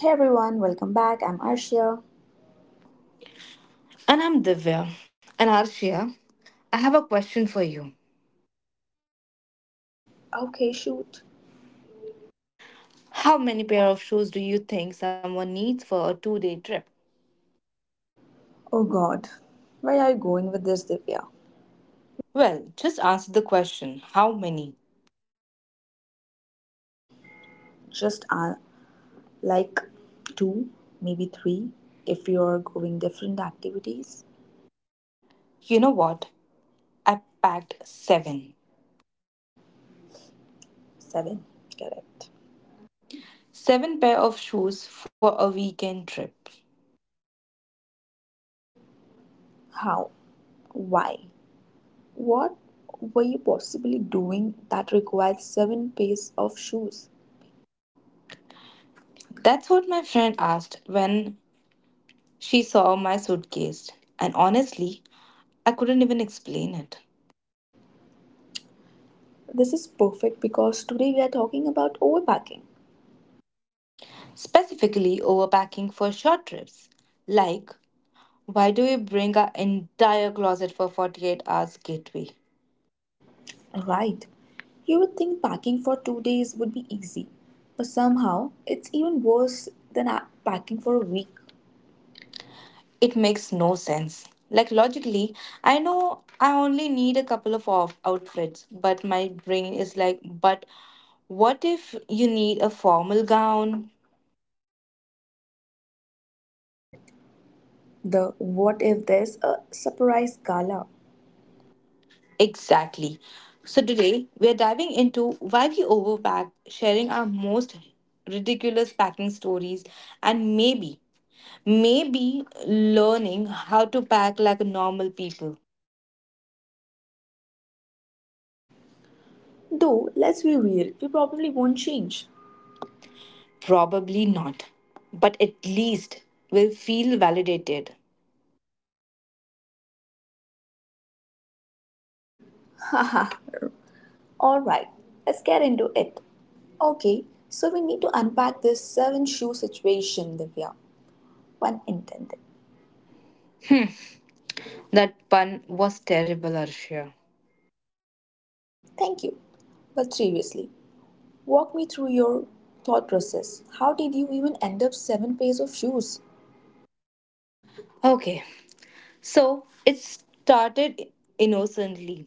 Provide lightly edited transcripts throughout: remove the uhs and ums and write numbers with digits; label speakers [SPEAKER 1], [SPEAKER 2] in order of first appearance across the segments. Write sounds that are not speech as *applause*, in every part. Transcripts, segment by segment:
[SPEAKER 1] Hey everyone, welcome back. I'm Arshia.
[SPEAKER 2] And I'm Divya. And Arshia, I have a question for you.
[SPEAKER 1] Okay, shoot.
[SPEAKER 2] How many pair of shoes do you think someone needs for a two-day trip?
[SPEAKER 1] Oh god, where are you going with this, Divya?
[SPEAKER 2] Well, just answer the question. How many?
[SPEAKER 1] Just like two, maybe three, if you're going different activities.
[SPEAKER 2] You know what? I packed seven.
[SPEAKER 1] Seven, correct.
[SPEAKER 2] Seven pair of shoes for a weekend trip.
[SPEAKER 1] How? Why? What were you possibly doing that required seven pairs of shoes?
[SPEAKER 2] That's what my friend asked when she saw my suitcase. And honestly, I couldn't even explain it.
[SPEAKER 1] This is perfect because today we are talking about overpacking.
[SPEAKER 2] Specifically, overpacking for short trips, like why do we bring our entire closet for 48 hours gateway?
[SPEAKER 1] Right. You would think packing for 2 days would be easy, but somehow it's even worse than packing for a week.
[SPEAKER 2] It makes no sense. Like logically, I know I only need a couple of outfits, but my brain is like, but what if you need a formal gown?
[SPEAKER 1] The what if there's a surprise gala?
[SPEAKER 2] Exactly. So today we are diving into why we overpack, sharing our most ridiculous packing stories, and maybe, maybe learning how to pack like normal people.
[SPEAKER 1] Though, let's be real, we probably won't change.
[SPEAKER 2] Probably not. But at least we'll feel validated.
[SPEAKER 1] Haha. Alright, let's get into it. Okay, so we need to unpack this seven shoe situation, Divya. One intended.
[SPEAKER 2] That pun was terrible, Arshia.
[SPEAKER 1] Thank you. But seriously, walk me through your thought process. How did you even end up seven pairs of shoes?
[SPEAKER 2] Okay, so it started innocently.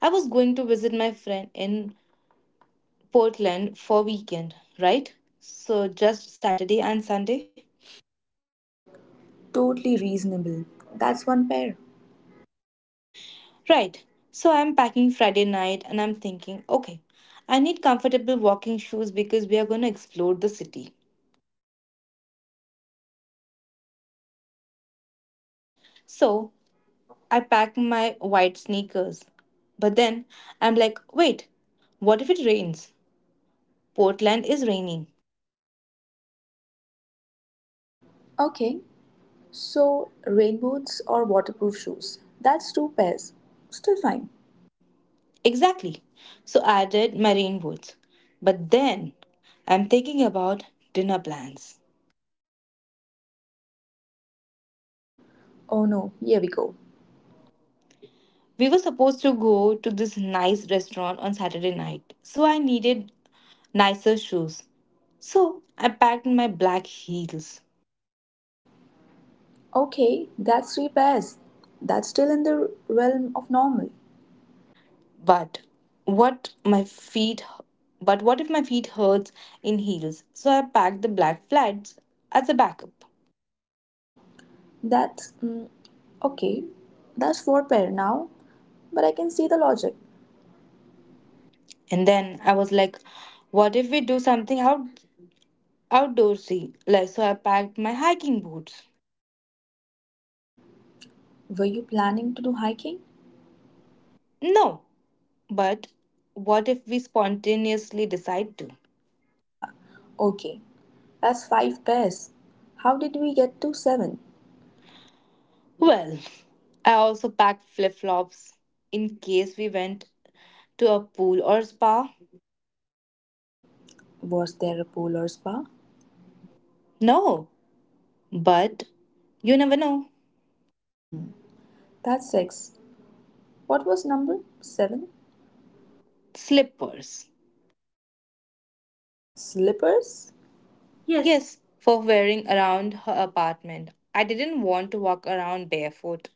[SPEAKER 2] I was going to visit my friend in Portland for weekend, right? So just Saturday and Sunday.
[SPEAKER 1] Totally reasonable. That's one pair.
[SPEAKER 2] Right. So I'm packing Friday night and I'm thinking, okay, I need comfortable walking shoes because we are going to explore the city. So I pack my white sneakers. But then I'm like, wait, what if it rains? Portland is raining.
[SPEAKER 1] Okay, so rain boots or waterproof shoes. That's two pairs. Still fine.
[SPEAKER 2] Exactly. So I did my rain boots. But then I'm thinking about dinner plans.
[SPEAKER 1] Oh no, here we go.
[SPEAKER 2] We were supposed to go to this nice restaurant on Saturday night, so I needed nicer shoes. So I packed my black heels.
[SPEAKER 1] Okay, that's three pairs. That's still in the realm of normal.
[SPEAKER 2] But what my feet but what if my feet hurts in heels? So I packed the black flats as a backup.
[SPEAKER 1] That's okay. That's four pair now, but I can see the logic.
[SPEAKER 2] And then I was like, what if we do something outdoorsy? Like so I packed my hiking boots.
[SPEAKER 1] Were you planning to do hiking?
[SPEAKER 2] No, but what if we spontaneously decide to?
[SPEAKER 1] *laughs* Haha. Okay, that's five pairs. How did we get to seven?
[SPEAKER 2] Well, I also packed flip-flops in case we went to a pool or spa.
[SPEAKER 1] Was there a pool or spa?
[SPEAKER 2] No, but you never know.
[SPEAKER 1] That's six. What was number seven?
[SPEAKER 2] Slippers.
[SPEAKER 1] Slippers?
[SPEAKER 2] Yes, for wearing around her apartment. I didn't want to walk around barefoot.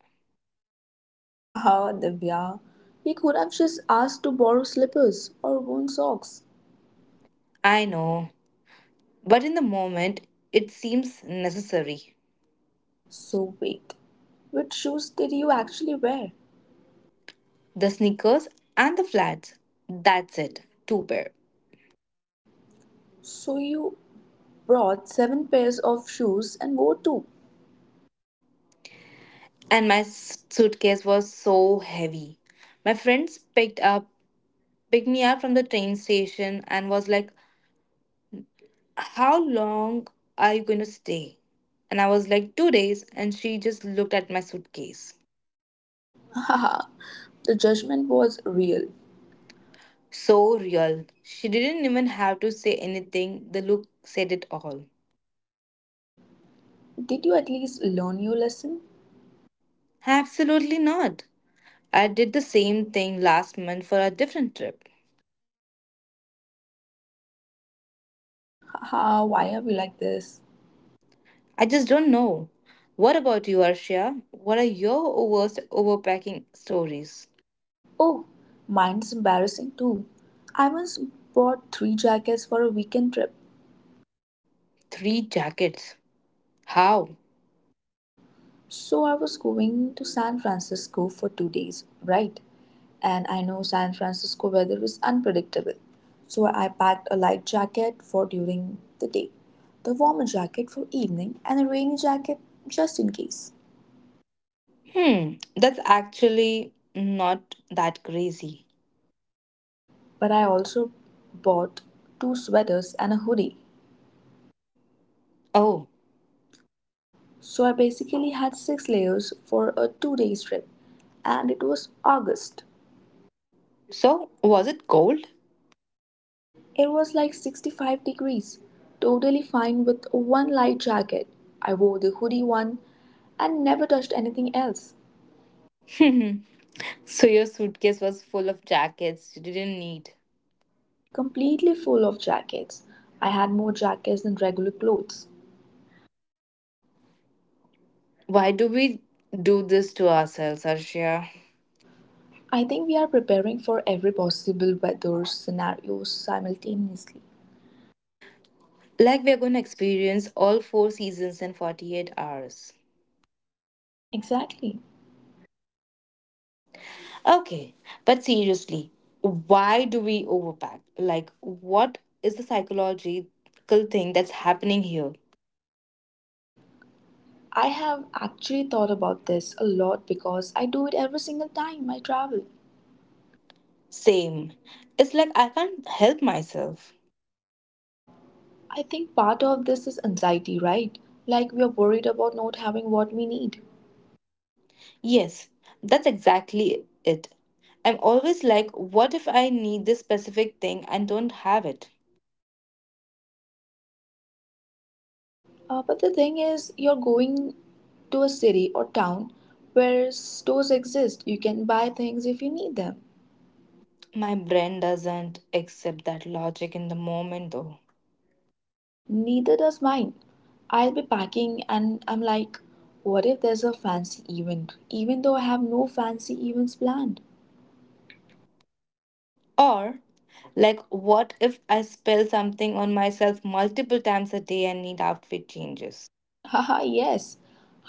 [SPEAKER 1] Haha, *laughs* Divya. He could have just asked to borrow slippers or worn socks.
[SPEAKER 2] I know, but in the moment, it seems necessary.
[SPEAKER 1] So wait, which shoes did you actually wear?
[SPEAKER 2] The sneakers and the flats. That's it, two pair.
[SPEAKER 1] So you brought seven pairs of shoes and wore two.
[SPEAKER 2] And my suitcase was so heavy. My friends picked me up from the train station and was like, "How long are you going to stay?" And I was like, "2 days." And she just looked at my suitcase.
[SPEAKER 1] Haha, *laughs* the judgment was real.
[SPEAKER 2] So real. She didn't even have to say anything, the look said it all.
[SPEAKER 1] Did you at least learn your lesson?
[SPEAKER 2] Absolutely not. I did the same thing last month for a different trip.
[SPEAKER 1] Haha, *laughs* why are we like this?
[SPEAKER 2] I just don't know. What about you, Arshia? What are your worst overpacking stories?
[SPEAKER 1] Oh, mine's embarrassing too. I once bought three jackets for a weekend trip.
[SPEAKER 2] Three jackets. How?
[SPEAKER 1] So I was going to San Francisco for 2 days, right? And I know San Francisco weather is unpredictable. So I packed a light jacket for during the day, the warmer jacket for evening, and a rainy jacket just in case.
[SPEAKER 2] Hmm, that's actually not that crazy.
[SPEAKER 1] But I also bought two sweaters and a hoodie.
[SPEAKER 2] Oh,
[SPEAKER 1] So I basically had six layers for a 2-day trip, and it was August.
[SPEAKER 2] so was it cold?
[SPEAKER 1] It was like 65 degrees, totally fine with one light jacket. I wore the hoodie one and never touched anything else.
[SPEAKER 2] *laughs* So your suitcase was full of jackets you didn't need.
[SPEAKER 1] Completely full of jackets. I had more jackets than regular clothes.
[SPEAKER 2] Why do we do this to ourselves, Arshia?
[SPEAKER 1] I think we are preparing for every possible weather scenario simultaneously.
[SPEAKER 2] Like we're going to experience all four seasons in 48 hours.
[SPEAKER 1] Exactly.
[SPEAKER 2] Okay, but seriously, why do we overpack? Like, what is the psychological thing that's happening here?
[SPEAKER 1] I have actually thought about this a lot because I do it every single time I travel.
[SPEAKER 2] Same. It's like I can't help myself.
[SPEAKER 1] I think part of this is anxiety, right? Like we are worried about not having what we need.
[SPEAKER 2] Yes, that's exactly it. I'm always like, what if I need this specific thing and don't have it?
[SPEAKER 1] But the thing is, you're going to a city or town where stores exist. You can buy things if you need them.
[SPEAKER 2] My brain doesn't accept that logic in the moment, though.
[SPEAKER 1] Neither does mine. I'll be packing and I'm like, what if there's a fancy event? Even though I have no fancy events planned.
[SPEAKER 2] Or, like, what if I spill something on myself multiple times a day and need outfit changes?
[SPEAKER 1] *laughs* Haha, yes.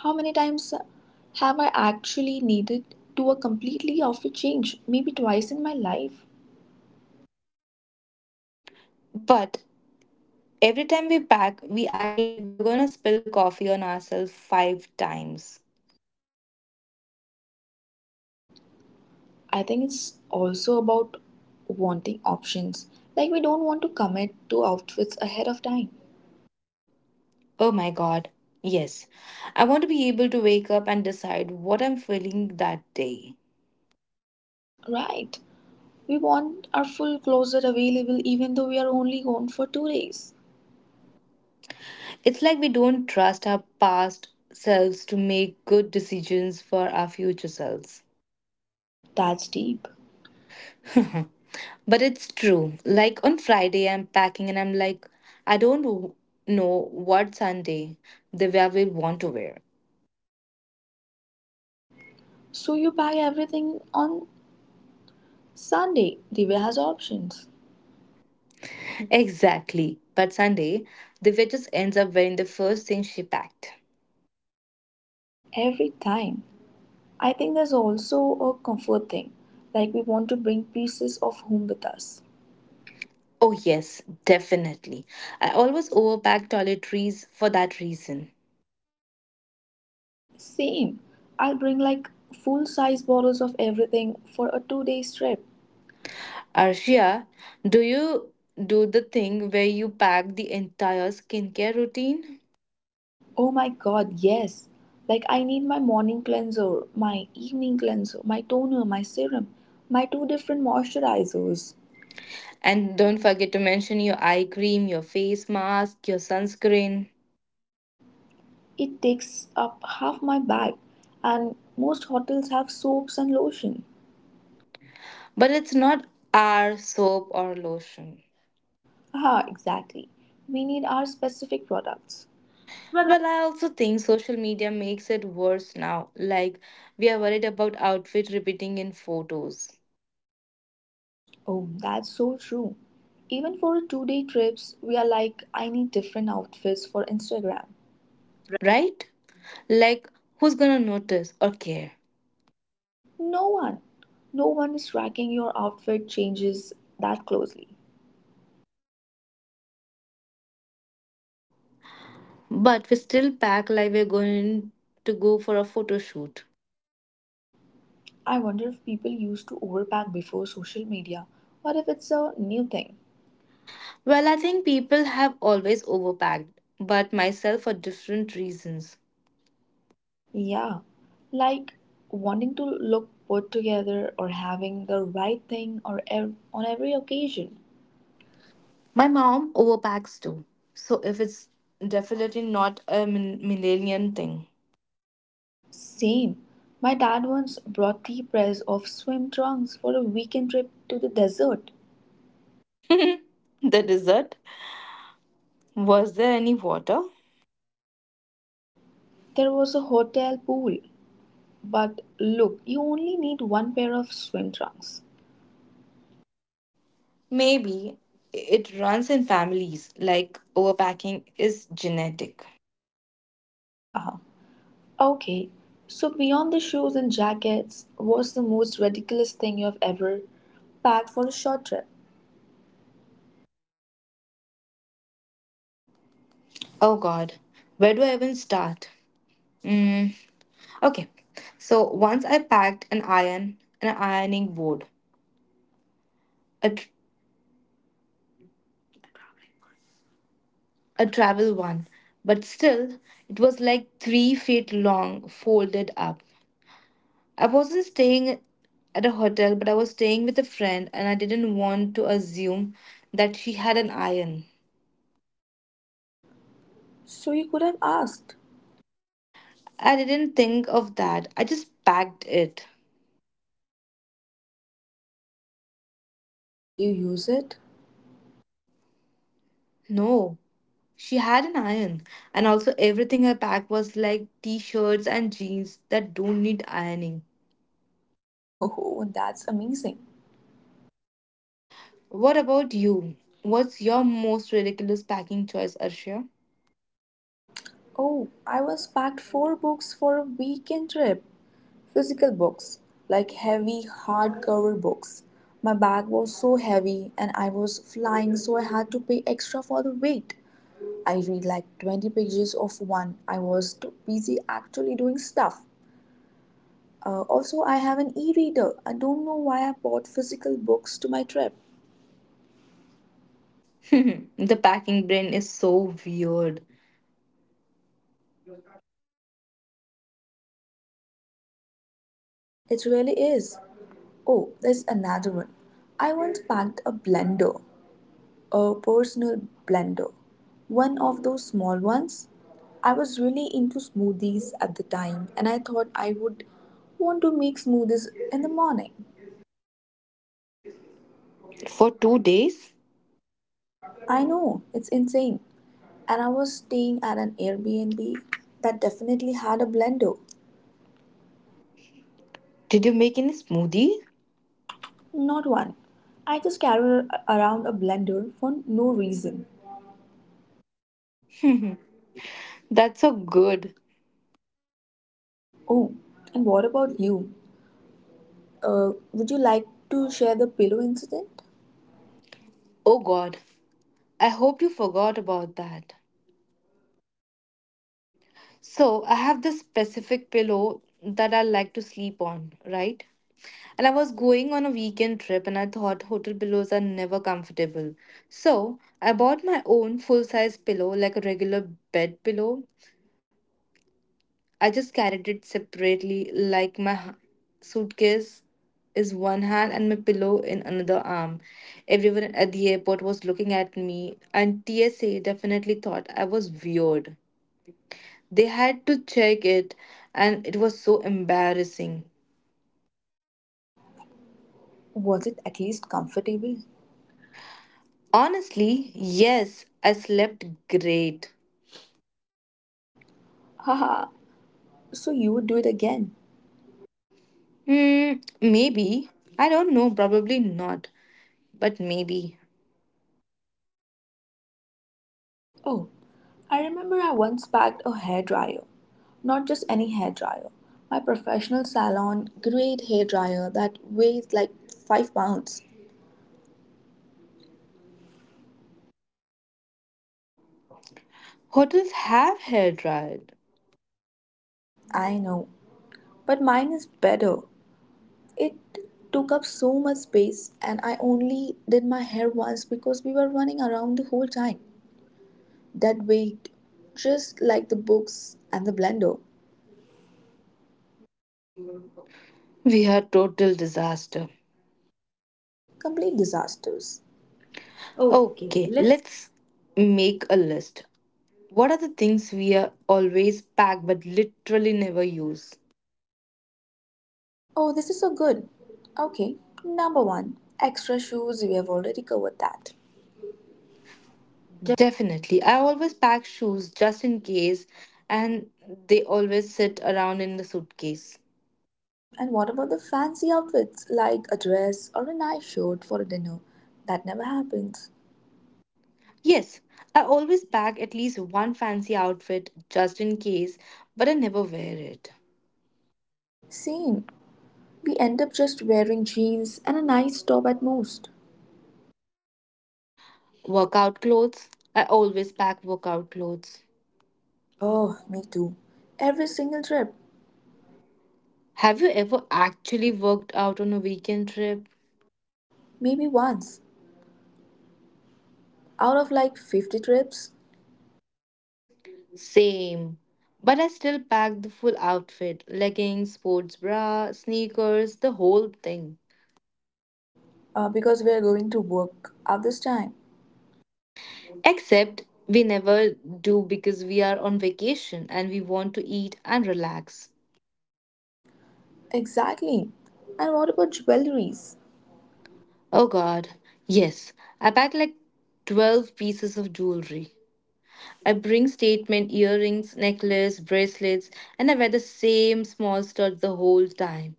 [SPEAKER 1] How many times have I actually needed to a completely outfit change? Maybe twice in my life.
[SPEAKER 2] But every time we pack, we act like we're gonna spill coffee on ourselves five times.
[SPEAKER 1] I think it's also about wanting options. Like, we don't want to commit to outfits ahead of time,
[SPEAKER 2] Oh my god, yes. I want to be able to wake up and decide what I'm feeling that day.
[SPEAKER 1] right? We want our full closet available even though we are only gone for 2 days.
[SPEAKER 2] It's like we don't trust our past selves to make good decisions for our future selves.
[SPEAKER 1] That's deep.
[SPEAKER 2] *laughs* But it's true. Like on Friday, I'm packing and I'm like, I don't know what Sunday Divya will want to wear. *laughs*
[SPEAKER 1] So, you buy everything on Sunday. Divya has options
[SPEAKER 2] Exactly. But Sunday, Divya just ends up wearing the first thing she packed.
[SPEAKER 1] every time. I think there's also a comfort thing. Like, we want to bring pieces of home with us.
[SPEAKER 2] Oh, yes, definitely. I always overpack toiletries for that reason.
[SPEAKER 1] Same. I'll bring like full size bottles of everything for a 2-day trip.
[SPEAKER 2] Arshia, do you do the thing where you pack the entire skincare routine?
[SPEAKER 1] Oh my god, yes. Like I need my morning cleanser, my evening cleanser, my toner, my serum, my two different moisturizers.
[SPEAKER 2] And don't forget to mention your eye cream, your face mask, your sunscreen.
[SPEAKER 1] It takes up half my bag and most hotels have soaps and lotion.
[SPEAKER 2] But it's not our soap or lotion.
[SPEAKER 1] Ah, exactly. We need our specific products.
[SPEAKER 2] Well, I also think social media makes it worse now. Like, we are worried about outfit repeating in photos,
[SPEAKER 1] Oh, that's so true. Even for two-day trips, we are like I need different outfits for Instagram.
[SPEAKER 2] right? Like, who's gonna notice or care?
[SPEAKER 1] No one, no one is tracking your outfit changes that closely.
[SPEAKER 2] But we still pack like we're going to go for a photo shoot.
[SPEAKER 1] I wonder if people used to overpack before social media or if it's a new thing.
[SPEAKER 2] Well, I think people have always overpacked, but myself for different reasons.
[SPEAKER 1] Yeah, like wanting to look put together or having the right thing or on every occasion.
[SPEAKER 2] My mom overpacks too. So if it's definitely not a millennium thing.
[SPEAKER 1] Same. My dad once brought three pairs of swim trunks for a weekend trip to the desert.
[SPEAKER 2] *laughs* The dessert? Was there any water?
[SPEAKER 1] There was a hotel pool, but look, you only need one pair of swim trunks.
[SPEAKER 2] Maybe it runs in families, like overpacking is genetic.
[SPEAKER 1] *laughs* Okay, so beyond the shoes and jackets, what's the most ridiculous thing you have ever packed for a short trip?
[SPEAKER 2] Oh god, where do I even start? Mm, okay, so once I packed an iron, and an ironing board, a, tr- a travel one, but still, it was like 3 feet long, folded up. I wasn't staying at a hotel, but I was staying with a friend, and I didn't want to assume that she had an iron.
[SPEAKER 1] So you could have asked.
[SPEAKER 2] I didn't think of that. I just packed it.
[SPEAKER 1] Did you use it?
[SPEAKER 2] No, she had an iron. And also, everything I packed was like t shirts and jeans that don't need ironing.
[SPEAKER 1] *laughs* Oh, that's amazing.
[SPEAKER 2] What about you? What's your most ridiculous packing choice, Arshia?
[SPEAKER 1] Oh, I was packed four books for a weekend trip. Physical books, like heavy, hardcover books. My bag was so heavy and I was flying, so I had to pay extra for the weight. I read like 20 pages of one. I was too busy actually doing stuff. Also, I have an e-reader. I don't know why I bought physical books to my trip.
[SPEAKER 2] *laughs* The packing brain is so weird.
[SPEAKER 1] It really is. Oh, there's another one. I once packed a blender, a personal blender, one of those small ones. I was really into smoothies at the time and I thought I would want to make smoothies in the morning.
[SPEAKER 2] For 2 days?
[SPEAKER 1] I know, it's insane. And I was staying at an Airbnb that definitely had a blender.
[SPEAKER 2] Did you make any smoothie?
[SPEAKER 1] Not one. I just carry around a blender for no reason.
[SPEAKER 2] That's so good.
[SPEAKER 1] Oh, and what about you? Would you like to share the pillow incident?
[SPEAKER 2] Oh god, I hope you forgot about that. So, I have this specific pillow that I like to sleep on, right? And I was going on a weekend trip and I thought hotel pillows are never comfortable. So I bought my own full size pillow, like a regular bed pillow. I just carried it separately, like my suitcase is one hand and my pillow in another arm. Everyone at the airport was looking at me, and TSA definitely thought I was weird. They had to check it, and it was so embarrassing.
[SPEAKER 1] Was it at least comfortable?
[SPEAKER 2] Honestly, yes, I slept great.
[SPEAKER 1] *laughs* Haha, so you would do it again.
[SPEAKER 2] Hmm, maybe. I don't know, probably not, but maybe.
[SPEAKER 1] Oh, I remember I once packed a hairdryer. Not just any hairdryer. My professional salon grade hairdryer that weighs like 5 pounds.
[SPEAKER 2] Hotels have hair dryer.
[SPEAKER 1] I know, but mine is better. It took up so much space, and I only did my hair once because we were running around the whole time. That weight, just like the books and the blender,
[SPEAKER 2] We are total disaster.
[SPEAKER 1] complete disasters. Okay,
[SPEAKER 2] Okay,
[SPEAKER 1] let's.
[SPEAKER 2] let's make a list. What are the things we are always pack but literally never use?
[SPEAKER 1] Oh, this is so good. Okay, number one, extra shoes. We have already covered that.
[SPEAKER 2] Definitely. I always pack shoes just in case and they always sit around in the suitcase.
[SPEAKER 1] And what about the fancy outfits like a dress or a nice shirt for a dinner? That never happens.
[SPEAKER 2] Yes, I always pack at least one fancy outfit just in case, but I never wear it.
[SPEAKER 1] Same. We end up just wearing jeans and a nice top at most.
[SPEAKER 2] Workout clothes. I always pack workout clothes.
[SPEAKER 1] Oh, me too. Every single trip,
[SPEAKER 2] Have you ever actually worked out on a weekend trip?
[SPEAKER 1] maybe once out of like 50 trips,
[SPEAKER 2] Same. But I still pack the full outfit leggings, sports bra, sneakers, the whole thing.
[SPEAKER 1] because we are going to work at this time.
[SPEAKER 2] Except we never do because we are on vacation and we want to eat and relax.
[SPEAKER 1] Exactly. And what about jewelries?
[SPEAKER 2] Oh god, yes, I pack like 12 pieces of jewelry. I bring statement earrings, necklace, bracelets, and I wear the same small stud the whole time.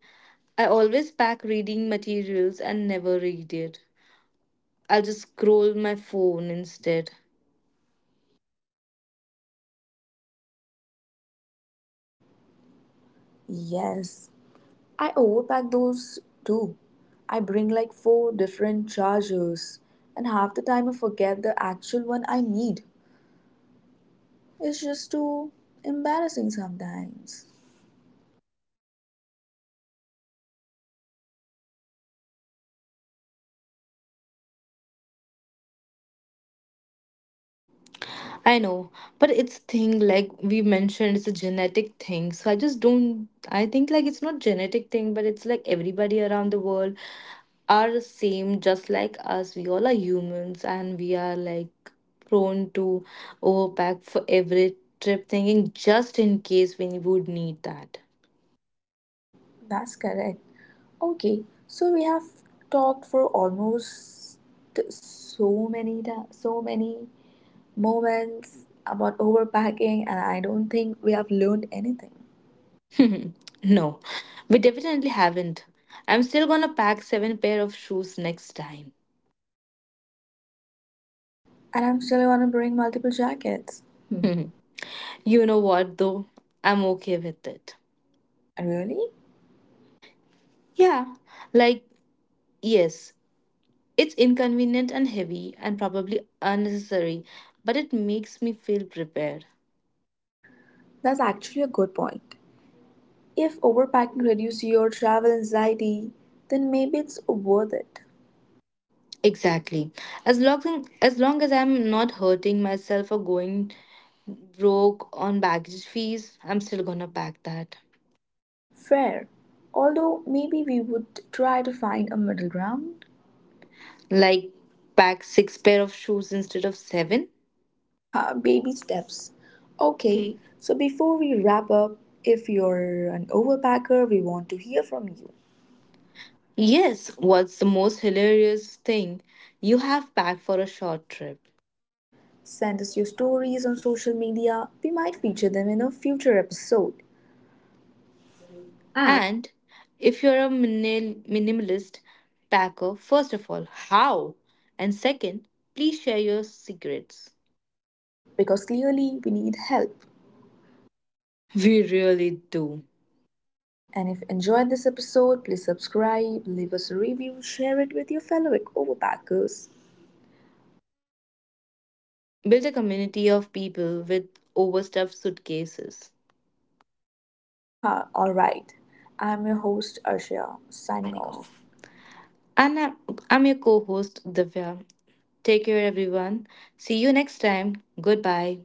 [SPEAKER 2] I always pack reading materials and never read it. I'll just scroll my phone instead.
[SPEAKER 1] Yes, I overpack those too. I bring like four different chargers, and half the time I forget the actual one I need. It's just too embarrassing sometimes.
[SPEAKER 2] I know, but it's thing like we mentioned, it's a genetic thing. So I just don't. I think like it's not genetic thing, but it's like everybody around the world are same just like us, we all are humans and we are like prone to overpack for every trip thinking just in case we would need that.
[SPEAKER 1] That's correct. Okay, so we have talked for almost so many moments about overpacking, and I don't think we have learned anything.
[SPEAKER 2] *laughs* No, we definitely haven't. I'm still gonna pack seven pair of shoes next time.
[SPEAKER 1] And I'm still gonna bring multiple jackets. Hmm.
[SPEAKER 2] *laughs* You know what though, I'm okay with it.
[SPEAKER 1] Really?
[SPEAKER 2] Yeah, like, yes, it's inconvenient and heavy and probably unnecessary, but it makes me feel prepared.
[SPEAKER 1] That's actually a good point. If overpacking reduces your travel anxiety, then maybe it's worth it.
[SPEAKER 2] Exactly. As long as I'm not hurting myself or going broke on baggage fees, I'm still gonna pack that.
[SPEAKER 1] Fair. Although maybe we would try to find a middle ground.
[SPEAKER 2] Like pack six pair of shoes instead of seven.
[SPEAKER 1] Haha, baby steps. Okay,
[SPEAKER 2] Okay.
[SPEAKER 1] so before we wrap up, if you're an overpacker, we want to hear from you.
[SPEAKER 2] Yes, what's the most hilarious thing you have packed for a short trip?
[SPEAKER 1] Send us your stories on social media. We might feature them in a future episode. And
[SPEAKER 2] And if you're a minimalist packer, first of all, how? And second, please share your secrets.
[SPEAKER 1] because clearly we need help.
[SPEAKER 2] *laughs* We really do.
[SPEAKER 1] And if you enjoyed this episode, please subscribe, leave us a review, share it with your fellow overpackers.
[SPEAKER 2] Build a community of people with overstuffed suitcases.
[SPEAKER 1] Haha, alright. I'm your host Arshia, signing
[SPEAKER 2] Signing
[SPEAKER 1] off.
[SPEAKER 2] off. And I'm your co host, Divya. Take care, everyone. See you next time. Goodbye.